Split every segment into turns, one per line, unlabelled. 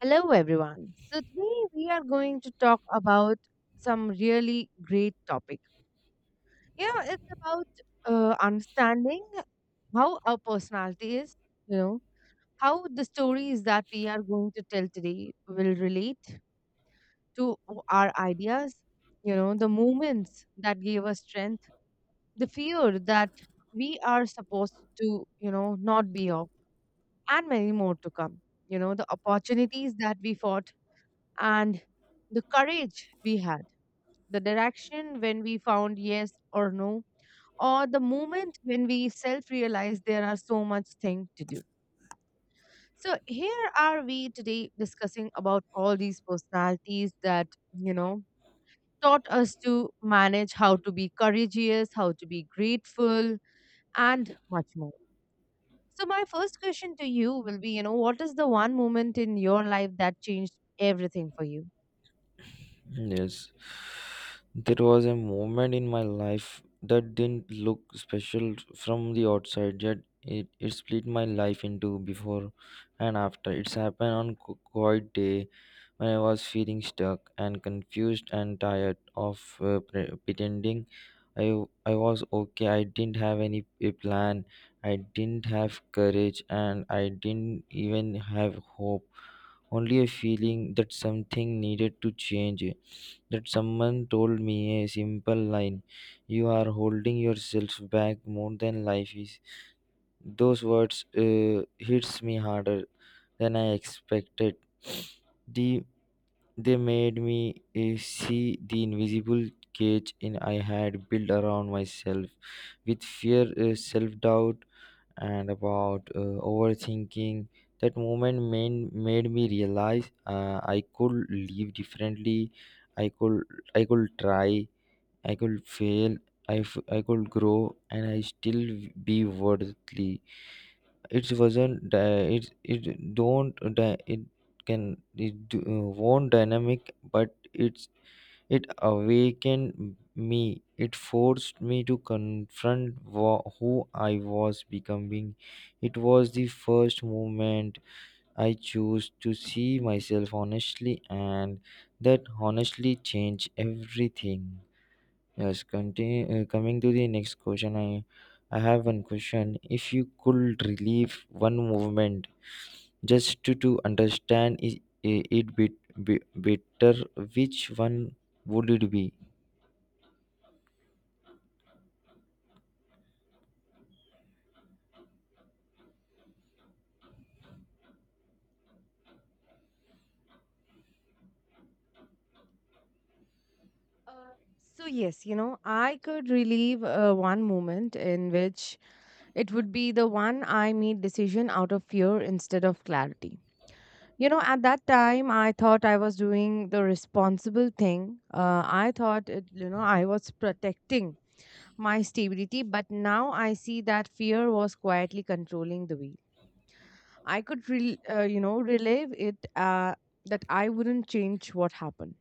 Hello, everyone. So, today we are going to talk about some really great topic. You know, it's about understanding how our personality is, you know, how the stories that we are going to tell today will relate to our ideas, you know, the moments that gave us strength, the fear that we are supposed to, you know, not be of, and many more to come. You know, the opportunities that we fought and the courage we had, the direction when we found yes or no, or the moment when we self realized there are so much thing to do. So here are we today discussing about all these personalities that, you know, taught us to manage how to be courageous, how to be grateful, and much more. So my first question to you will be, you know, what is the one moment in your life that changed everything for you?
Yes, there was a moment in my life that didn't look special from the outside, yet it split my life into before and after. It's happened on quiet day when I was feeling stuck and confused and tired of pretending I was okay. I didn't have any a plan, I didn't have courage, and I didn't even have hope. Only a feeling that something needed to change that someone told me a simple line, you are holding yourself back more than life is. Those words hits me harder than I expected. the, they made me see the invisible cage in I had built around myself with fear, self-doubt and about overthinking. That moment made me realize I could live differently. I could, I could try. I could fail. I could grow and I still be worthy. It wasn't di- it don't di- it can it do, won't dynamic, but it awakened me. It forced me to confront who I was becoming. It was the first moment I chose to see myself honestly, and that honestly changed everything. Yes, continue, coming to the next question, I have one question. If you could relieve one movement just to understand it bit better, which one would it be?
Uh, so yes, you know, I could relive one moment in which it would be the one I made decision out of fear instead of clarity. You know, at that time, I thought I was doing the responsible thing. I thought, it, you know, I was protecting my stability, but now I see that fear was quietly controlling the wheel. I could, rel you know, relive it, that I wouldn't change what happened.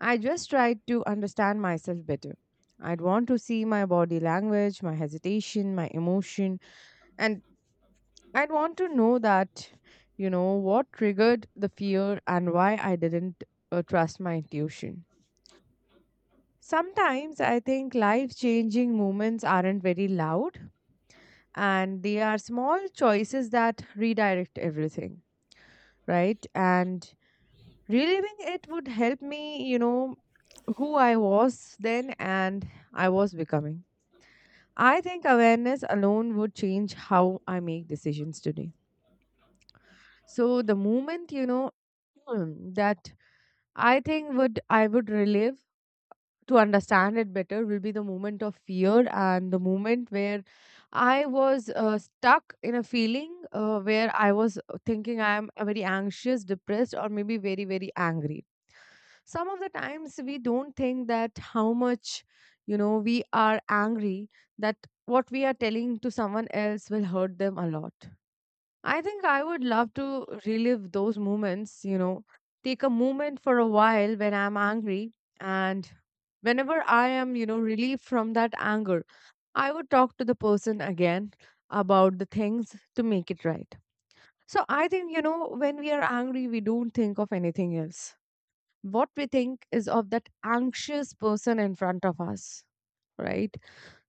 I just tried to understand myself better. I'd want to see my body language, my hesitation, my emotion, and I'd want to know that, you know, what triggered the fear and why I didn't trust my intuition. Sometimes I think life changing moments aren't very loud and they are small choices that redirect everything, right? And reliving it would help me, you know, who I was then and I was becoming. I think awareness alone would change how I make decisions today. So the moment, you know, that I think would I would relive to understand it better will be the moment of fear and the moment where I was stuck in a feeling where I was thinking I am very anxious, depressed, or maybe very, very angry. Some of the times we don't think that how much, you know, we are angry, that what we are telling to someone else will hurt them a lot. I think I would love to relive those moments, you know, take a moment for a while when I'm angry. And whenever I am, you know, relieved from that anger, I would talk to the person again about the things to make it right. So I think, you know, when we are angry, we don't think of anything else. What we think is of that anxious person in front of us, right?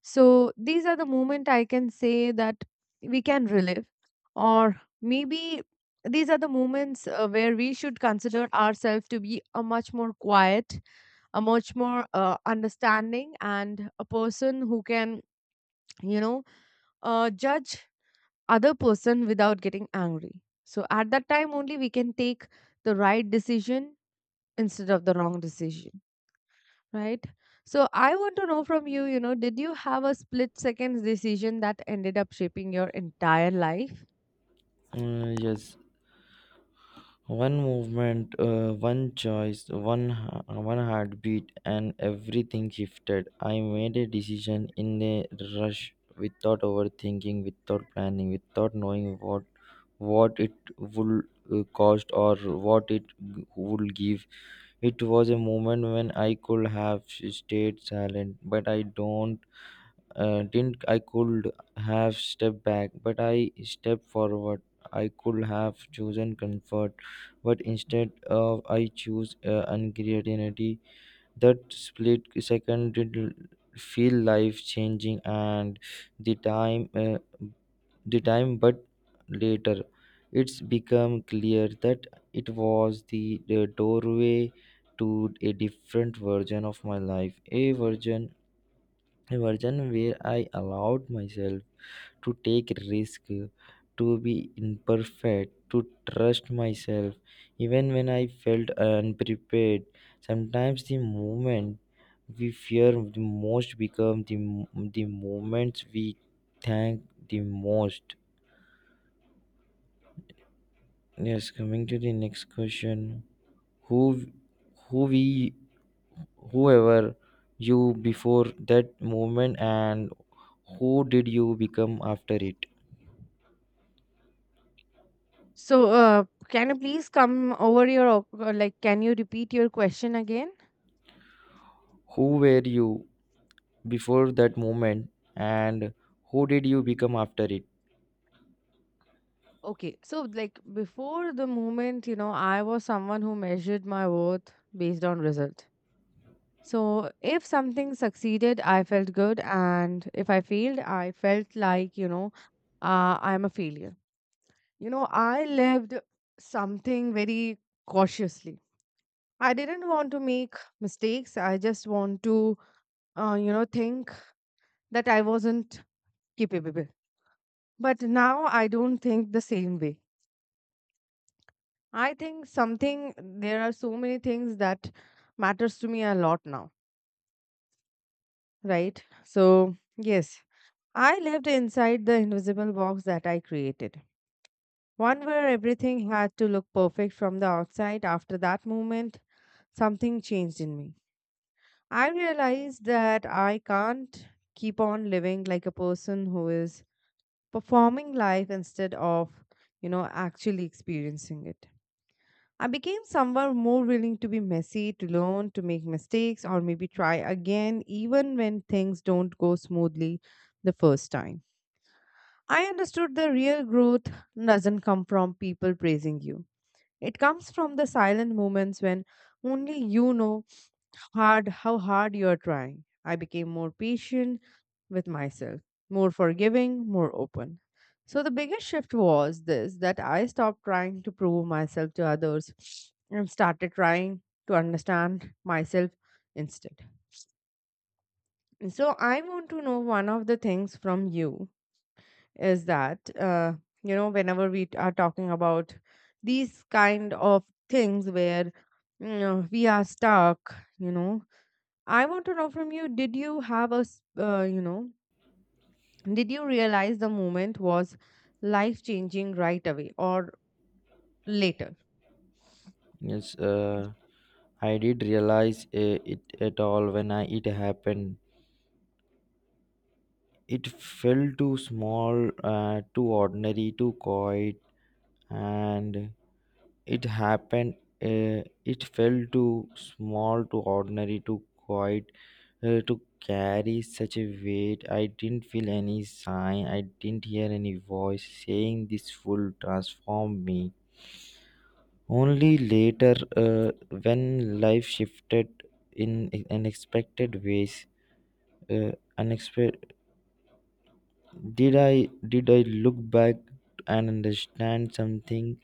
So these are the moment I can say that we can relive, or maybe these are the moments where we should consider ourselves to be a much more quiet, a much more understanding, and a person who can, you know, judge other person without getting angry. So at that time only we can take the right decision instead of the wrong decision. Right. So I want to know from you, you know, did you have a split seconds decision that ended up shaping your entire life?
Yes, one movement, one choice, one heartbeat, and everything shifted. I made a decision in a rush, without overthinking, without planning, without knowing what it would cost or what it would give. It was a moment when I could have stayed silent, but I don't didn't I could have stepped back, but I stepped forward. I could have chosen comfort, but instead of I choose uncertainty. That split second feel life changing, and the time, uh, the time, but later, it's become clear that it was the doorway to a different version of my life, a version where I allowed myself to take risk, to be imperfect, to trust myself, even when I felt unprepared. Sometimes the moment we fear the most become the moments we thank the most. Yes, coming to the next question. Who who we whoever you before that moment and who did you become after it?
So, can you please come over your, like, can you repeat your question again?
Who were you before that moment and who did you become after it?
Okay. So, like, before the moment, you know, I was someone who measured my worth based on result. So, if something succeeded, I felt good. And if I failed, I felt like, you know, I'm a failure. You know, I lived something very cautiously. I didn't want to make mistakes. I just want to, you know, think that I wasn't capable. But now I don't think the same way. I think something, there are so many things that matters to me a lot now, right? So, yes, I lived inside the invisible box that I created. One where everything had to look perfect from the outside. After that moment, something changed in me. I realized that I can't keep on living like a person who is performing life instead of, you know, actually experiencing it. I became someone more willing to be messy, to learn, to make mistakes, or maybe try again, even when things don't go smoothly the first time. I understood the real growth doesn't come from people praising you. It comes from the silent moments when only you know hard how hard you are trying. I became more patient with myself, more forgiving, more open. So the biggest shift was this that I stopped trying to prove myself to others and started trying to understand myself instead. So I want to know one of the things from you is that you know whenever we are talking about these kind of things where you know, we are stuck, you know I want to know from you, did you have a, you know, did you realize the moment was life changing right away or later?
Yes, I did realize it at all when it happened. It felt too small, too ordinary, too quiet, and it happened. It felt too small, too ordinary, too quiet to carry such a weight. I didn't feel any sign, I didn't hear any voice saying this will transform me. Only later, when life shifted in unexpected ways, uh, unexpected, did I look back and understand something?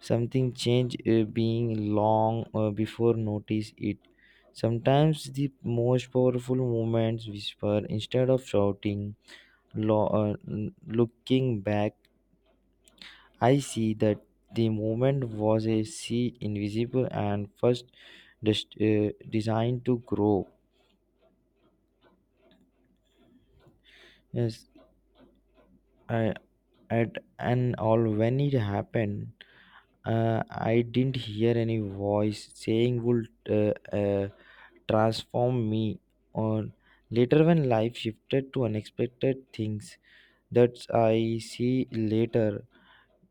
Something changed being long before notice it. Sometimes the most powerful moments whisper instead of shouting. Looking back, I see that the movement was a sea invisible and first designed to grow. Yes, I, at and all when it happened, I didn't hear any voice saying would transform me. Or later, when life shifted to unexpected things that I see later,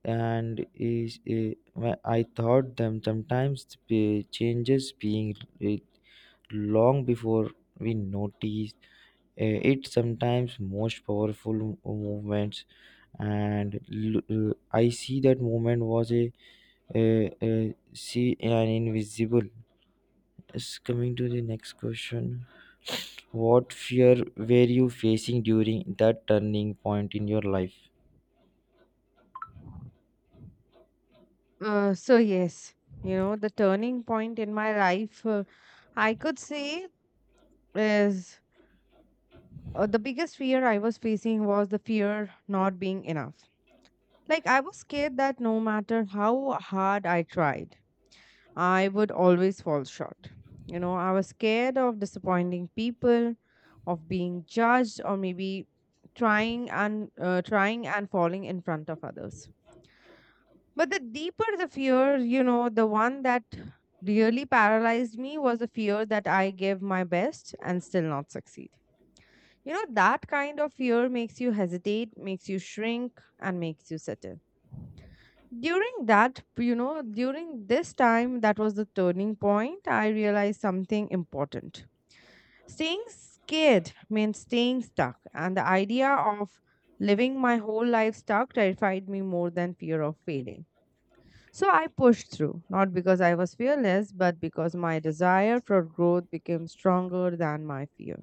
and is I thought them sometimes the changes being, uh, long before we notice it sometimes most powerful movements I see that movement was a see an invisible. Is coming to the next question, what fear were you facing during that turning point in your life?
So, yes, you know, the turning point in my life, I could say, is the biggest fear I was facing was the fear not being enough. Like, I was scared that no matter how hard I tried, I would always fall short. You know, I was scared of disappointing people, of being judged, or maybe trying and trying and falling in front of others. But the deeper the fear, you know, the one that really paralyzed me was the fear that I gave my best and still not succeed. You know, that kind of fear makes you hesitate, makes you shrink, and makes you settle. During that, you know, during this time, that was the turning point, I realized something important. Staying scared means staying stuck, and the idea of living my whole life stuck terrified me more than fear of failing. So I pushed through, not because I was fearless, but because my desire for growth became stronger than my fear.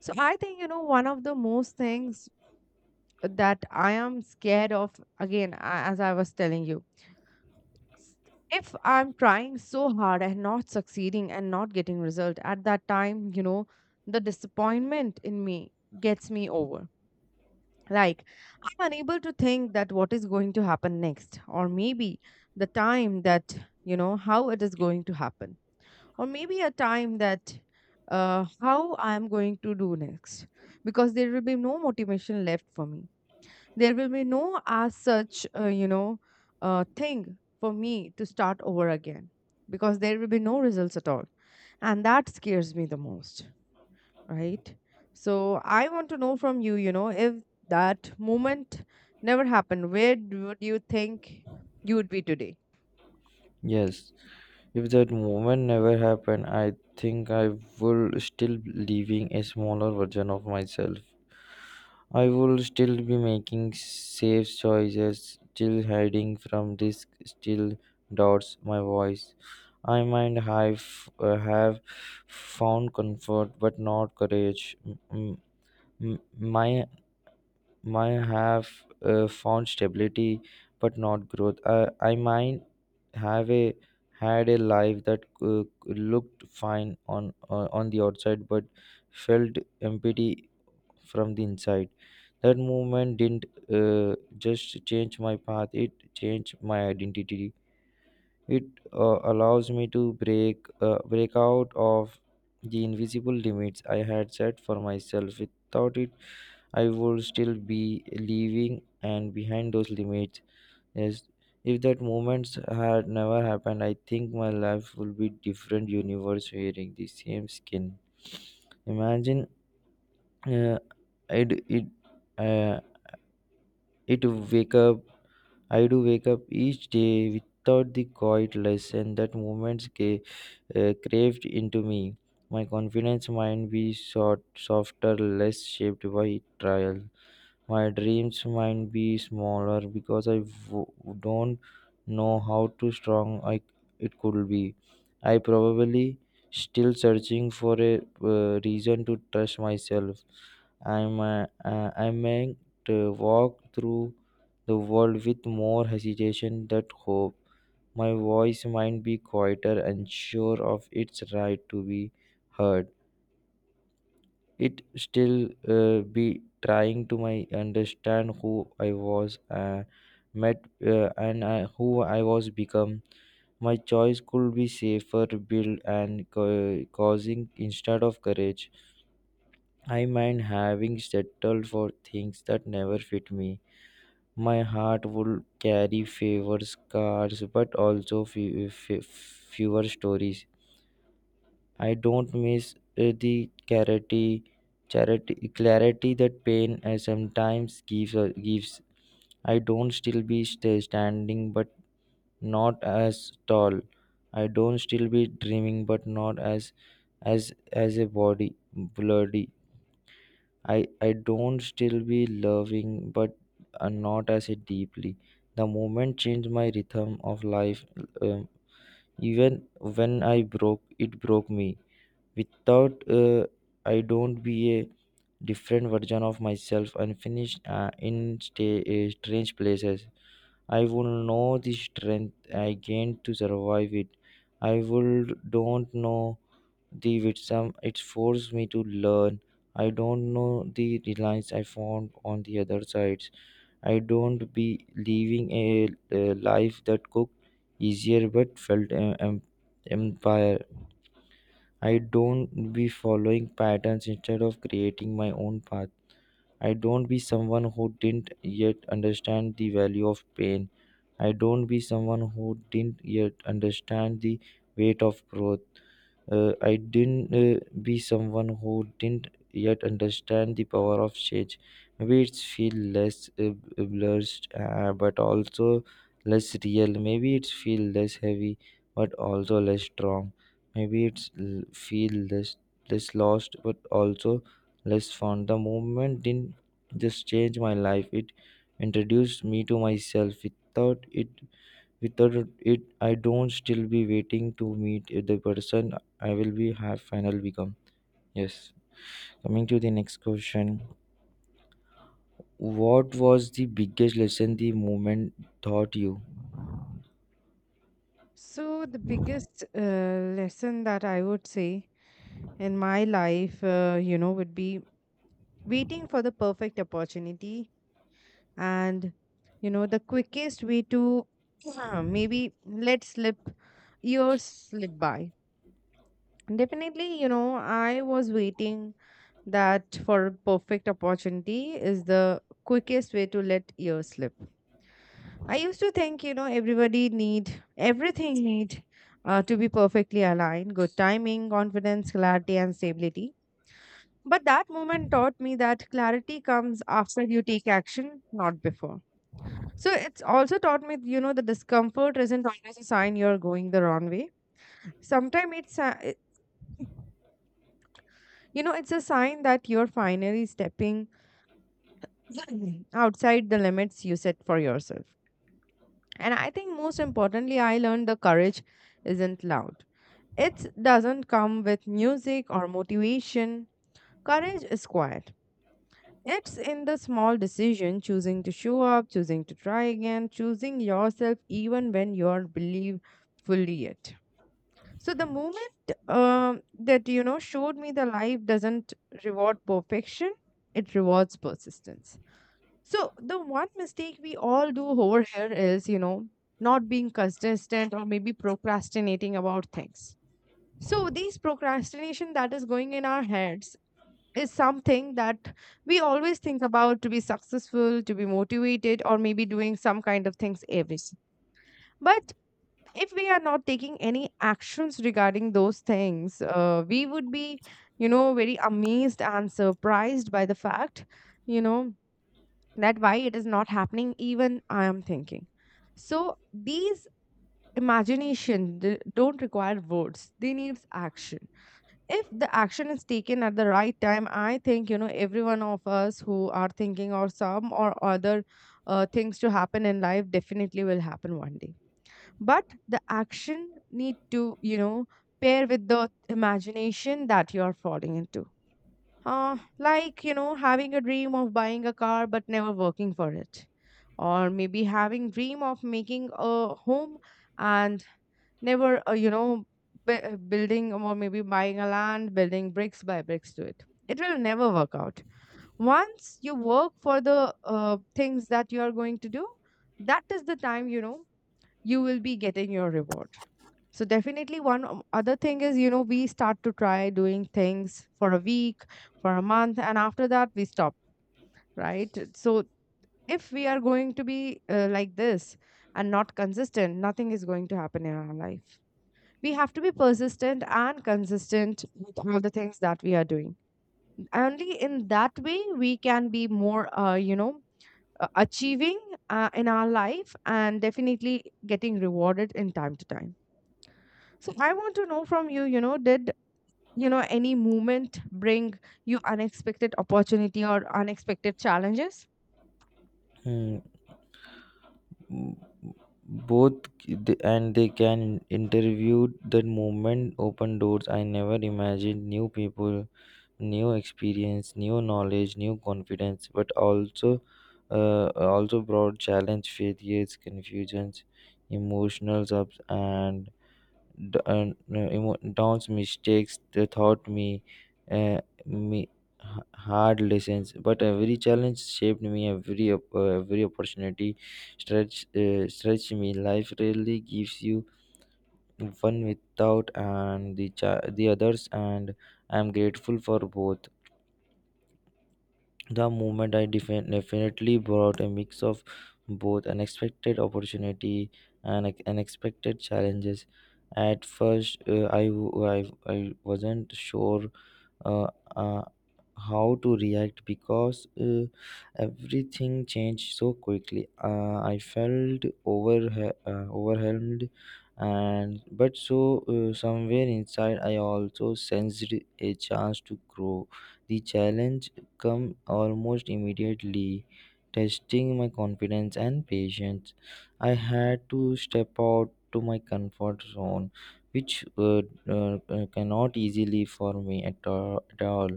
So I think, you know, one of the most things that I am scared of, again, as I was telling you if I'm trying so hard and not succeeding and not getting result at that time, you know, the disappointment in me gets me over, like I'm unable to think that what is going to happen next, or maybe the time that, you know, how it is going to happen, or maybe a time that, how I'm going to do next, because there will be no motivation left for me. There will be no as such, you know, thing for me to start over again, because there will be no results at all. And that scares me the most, right? So I want to know from you, you know, if that moment never happened, where would you think you would be today?
Yes, if that moment never happened, I think I will still living a smaller version of myself. I will still be making safe choices, still hiding from risk, still doubts my voice. I might have found comfort, but not courage. M- My might have found stability, but not growth. I might have a had a life that looked fine on the outside, but felt empty from the inside. That movement didn't just change my path, it changed my identity. It allows me to break out of the invisible limits I had set for myself. Without it, I would still be living and behind those limits. Yes, if that moments had never happened, I think my life would be different universe wearing the same skin. Imagine, uh, would it, uh, it wake up. I do wake up each day without the quiet lesson that moments craved into me. My confidence might be short, softer, less shaped by trial. My dreams might be smaller because don't know how too strong it could be. I probably still searching for a reason to trust myself. I meant to walk through the world with more hesitation than hope. My voice might be quieter and sure of its right to be heard. It still be trying to my understand who I was met who I was become. My choice could be safer built and causing instead of courage. I mind having settled for things that never fit me. My heart would carry fewer scars, but also fewer stories. I don't miss clarity that pain sometimes gives. I don't still be standing, but not as tall. I don't still be dreaming, but not as as a body bloody. I don't still be loving, but not as it deeply. The moment changed my rhythm of life. Um, Even when I broke, it broke me. Without I don't be a different version of myself unfinished uh, in strange places. I will know the strength I gained to survive it. I will don't know the Witsum, it forced me to learn. I don't know the reliance I found on the other sides. I don't be living a life that cooked easier but felt empire. I don't be following patterns instead of creating my own path. I don't be someone who didn't yet understand the value of pain. I don't be someone who didn't yet understand the weight of growth. I didn't be someone who didn't yet understand the power of change. Maybe it's feel less blurred, but also less real. Maybe it's feel less heavy, but also less strong. Maybe it's feel less lost, but also less fun. The movement didn't just change my life; it introduced me to myself. Without it, without it I don't still be waiting to meet the person I will be have final become. Yes, coming to the next question, what was the biggest lesson the moment taught you?
So, the biggest lesson that I would say in my life, you know, would be waiting for the perfect opportunity and you know the quickest way to maybe let slip years slip by. Definitely, you know, I was waiting that for a perfect opportunity is the quickest way to let years slip. I used to think, you know, everybody need everything need to be perfectly aligned, good timing, confidence, clarity, and stability. But that moment taught me that clarity comes after you take action, not before. So it's also taught me, you know, the discomfort isn't always a sign you're going the wrong way. Sometimes it's, a, you know, it's a sign that you're finally stepping outside the limits you set for yourself. And I think most importantly, I learned the courage isn't loud. It doesn't come with music or motivation. Courage is quiet. It's in the small decision, choosing to show up, choosing to try again, choosing yourself even when you're believe fully yet. So the moment that you know showed me the life doesn't reward perfection, it rewards persistence. So the one mistake we all do over here is you know not being consistent or maybe procrastinating about things. So these procrastination that is going in our heads is something that we always think about to be successful, to be motivated, or maybe doing some kind of things every. But if we are not taking any actions regarding those things, we would be, you know, very amazed and surprised by the fact, you know, that why it is not happening, even I am thinking. So these imagination don't require words, they needs action. If the action is taken at the right time, I think, you know, every one of us who are thinking or some or other things to happen in life definitely will happen one day. But the action need to, you know, pair with the imagination that you're falling into. Like, you know, having a dream of buying a car but never working for it, or maybe having dream of making a home, and never you know, building or maybe buying a land, building bricks by bricks to it, will never work out. Once you work for the things that you are going to do, that is the time, you know, you will be getting your reward. So definitely one other thing is, you know, we start to try doing things for a week, for a month, and after that we stop, right? So if we are going to be like this and not consistent, nothing is going to happen in our life. We have to be persistent and consistent with all the things that we are doing. Only in that way we can be more, achieving in our life, and definitely getting rewarded in time to time. So I want to know from you, you know, did you know any movement bring you unexpected opportunity or unexpected challenges?
Hmm, both and they can interview the moment open doors I never imagined, new people, new experience, new knowledge, new confidence, but also uh, also brought challenge, failures, confusions, emotional ups and, downs, mistakes. They taught me hard lessons, but every challenge shaped me, every opportunity stretch me. Life really gives you one without and the others, and I'm grateful for both. The movement I definitely brought a mix of both unexpected opportunity and unexpected challenges. At first, I, w- I wasn't sure uh, uh, how to react because everything changed so quickly. I felt uh, overwhelmed, and but so somewhere inside, I also sensed a chance to grow. The challenge come almost immediately, testing my confidence and patience. I had to step out to my comfort zone, which were cannot easily for me at all.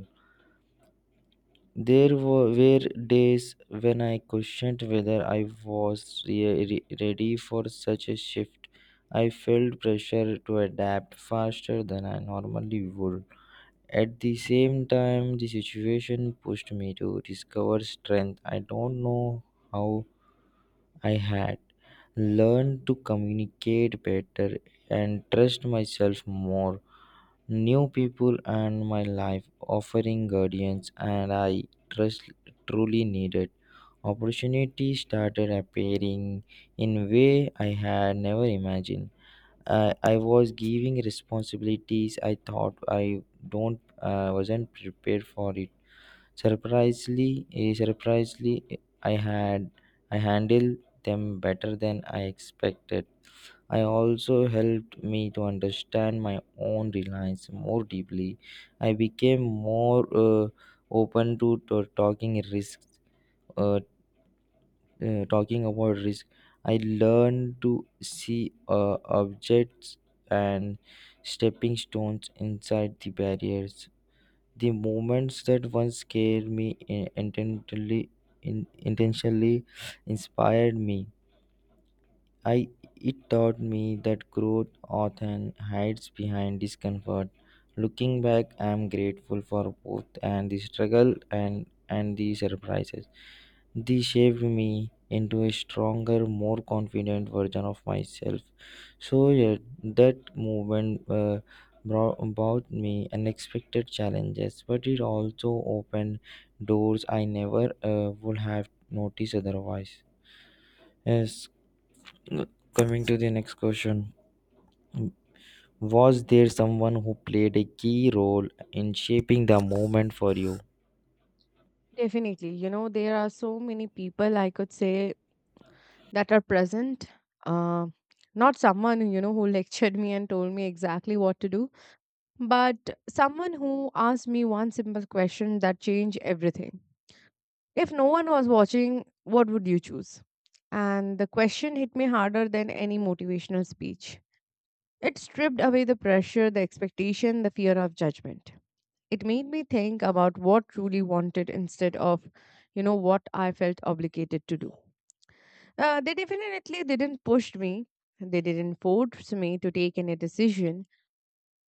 There were days when I questioned whether I was ready for such a shift. I felt pressure to adapt faster than I normally would. At the same time, the situation pushed me to discover strength I don't know how I had. Learn to communicate better and trust myself more. New people and my life offering guardians and I trust truly needed. Opportunities started appearing in way I had never imagined. I was giving responsibilities I thought I don't wasn't prepared for it. Surprisingly, I handled them better than I expected. I also helped me to understand my own reliance more deeply. I became more open to talking risks, uh, talking about risk. I learned to see objects and stepping stones inside the barriers. The moments that once scared me intentionally, intentionally inspired me. I it taught me that growth often hides behind discomfort. Looking back, I am grateful for both, and the struggle and the surprises. They shaped me into a stronger, more confident version of myself. So yeah, that movement brought about me unexpected challenges, but it also opened doors I never would have noticed otherwise. Yes, uh, coming to the next question. Was there someone who played a key role in shaping the moment for you?
Definitely. You know, there are so many people I could say that are present. Uh, not someone, you know, who lectured me and told me exactly what to do, but someone who asked me one simple question that changed everything. If no one was watching, what would you choose? And the question hit me harder than any motivational speech. It stripped away the pressure, the expectation, the fear of judgment. It made me think about what truly wanted instead of, you know, what I felt obligated to do. They definitely didn't push me. They didn't force me to take any decision.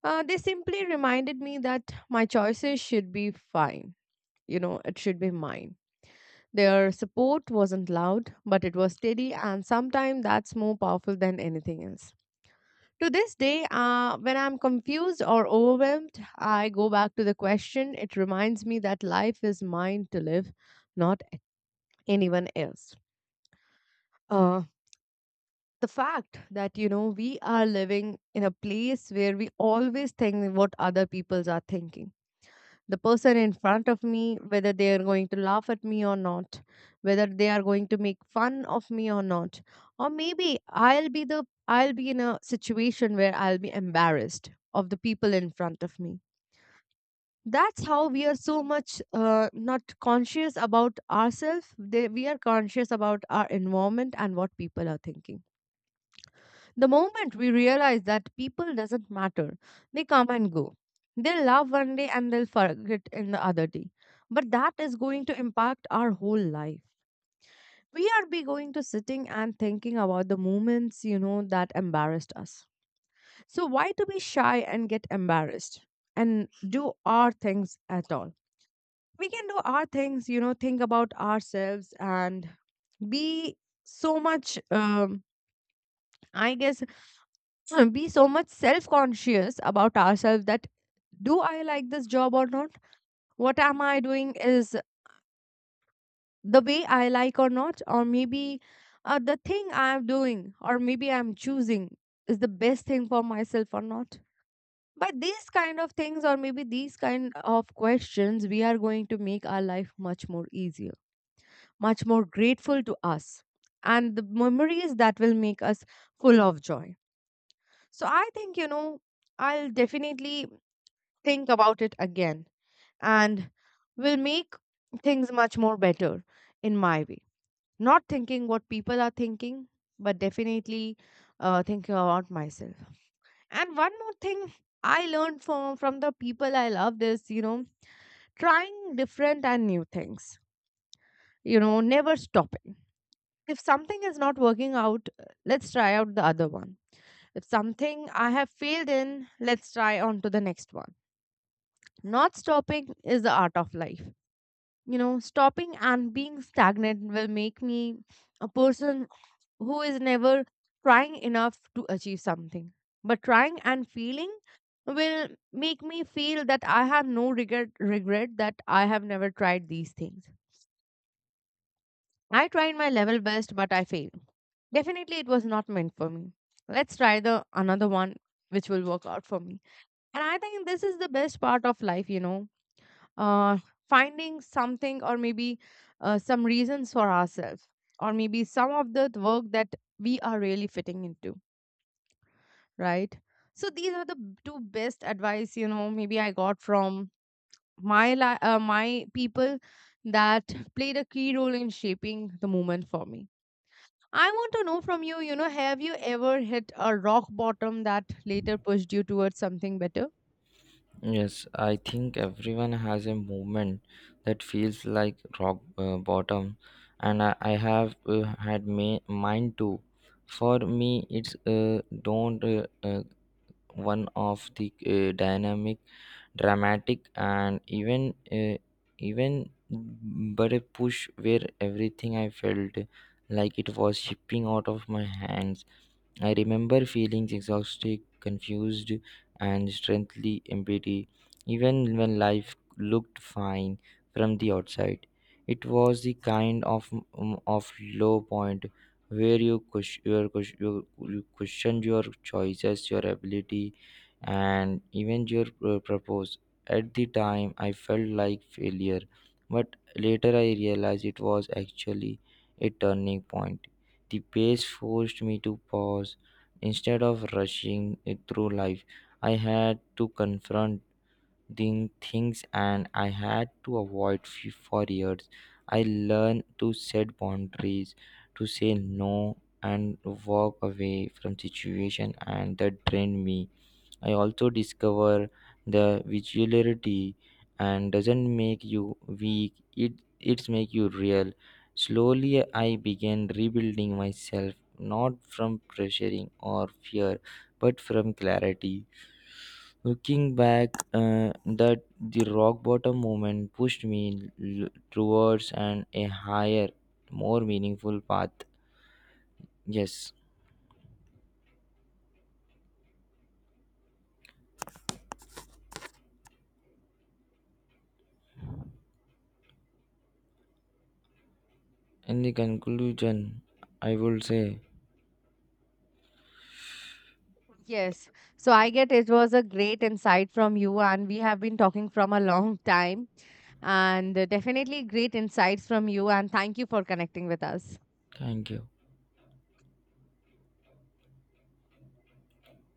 They simply reminded me that my choices should be fine. You know, it should be mine. Their support wasn't loud, but it was steady, and sometimes that's more powerful than anything else. To this day, when I'm confused or overwhelmed, I go back to the question. It reminds me that life is mine to live, not anyone else. Uh, the fact that, you know, we are living in a place where we always think what other peoples are thinking, the person in front of me, whether they are going to laugh at me or not, whether they are going to make fun of me or not, or maybe I'll be in a situation where I'll be embarrassed of the people in front of me. That's how we are so much not conscious about ourselves. We are conscious about our environment and what people are thinking. The moment we realize that people doesn't matter, they come and go. They'll love one day and they'll forget in the other day. But that is going to impact our whole life. We are be going to sitting and thinking about the moments, you know, that embarrassed us. So why to be shy and get embarrassed and do our things at all? We can do our things, you know, think about ourselves and be so much I guess be so much self conscious about ourselves that do I like this job or not? What am I doing is the way I like or not? Or maybe the thing I'm doing or maybe I'm choosing is the best thing for myself or not? By these kind of things, or maybe these kind of questions, we are going to make our life much more easier, much more grateful to us, and the memories that will make us full of joy. So, I think, you know, I'll definitely think about it again, and will make things much more better in my way. Not thinking what people are thinking, but definitely thinking about myself. And one more thing I learned from the people I love is, you know, trying different and new things. You know, never stopping. If something is not working out, let's try out the other one. If something I have failed in, let's try on to the next one. Not stopping is the art of life. You know, stopping and being stagnant will make me a person who is never trying enough to achieve something, but trying and feeling will make me feel that I have no regret, regret that I have never tried these things. I tried my level best, but I failed. Definitely it was not meant for me. Let's try the another one, which will work out for me. And I think this is the best part of life, you know, uh, finding something or maybe some reasons for ourselves or maybe some of the work that we are really fitting into, right? So these are the two best advice, you know, maybe I got from my people, that played a key role in shaping the moment for me. I want to know from you, you know, have you ever hit a rock bottom that later pushed you towards something better?
Yes, I think everyone has a moment that feels like rock bottom, and I have had mine too. For me, it's don't one of the dynamic dramatic and even even but a push where everything I felt like it was shipping out of my hands. I remember feeling exhausted, confused, and strangely empty, even when life looked fine from the outside. It was the kind of low point where you question your choices, your ability, and even your purpose. At the time, I felt like failure, but later I realized it was actually a turning point. The pace forced me to pause. Instead of rushing it through life, I had to confront the things and I had to avoid for years. I learned to set boundaries, to say no, and walk away from situation and that drained me. I also discover the visuality and doesn't make you weak. It's make you real. Slowly I began rebuilding myself not from pressuring or fear but from clarity. Looking back, that the rock bottom moment pushed me towards an a higher, more meaningful path. Yes. In the conclusion, I will say
Yes. So I get it was a great insight from you, and we have been talking from a long time, and definitely great insights from you. And thank you for connecting with us.
thank you.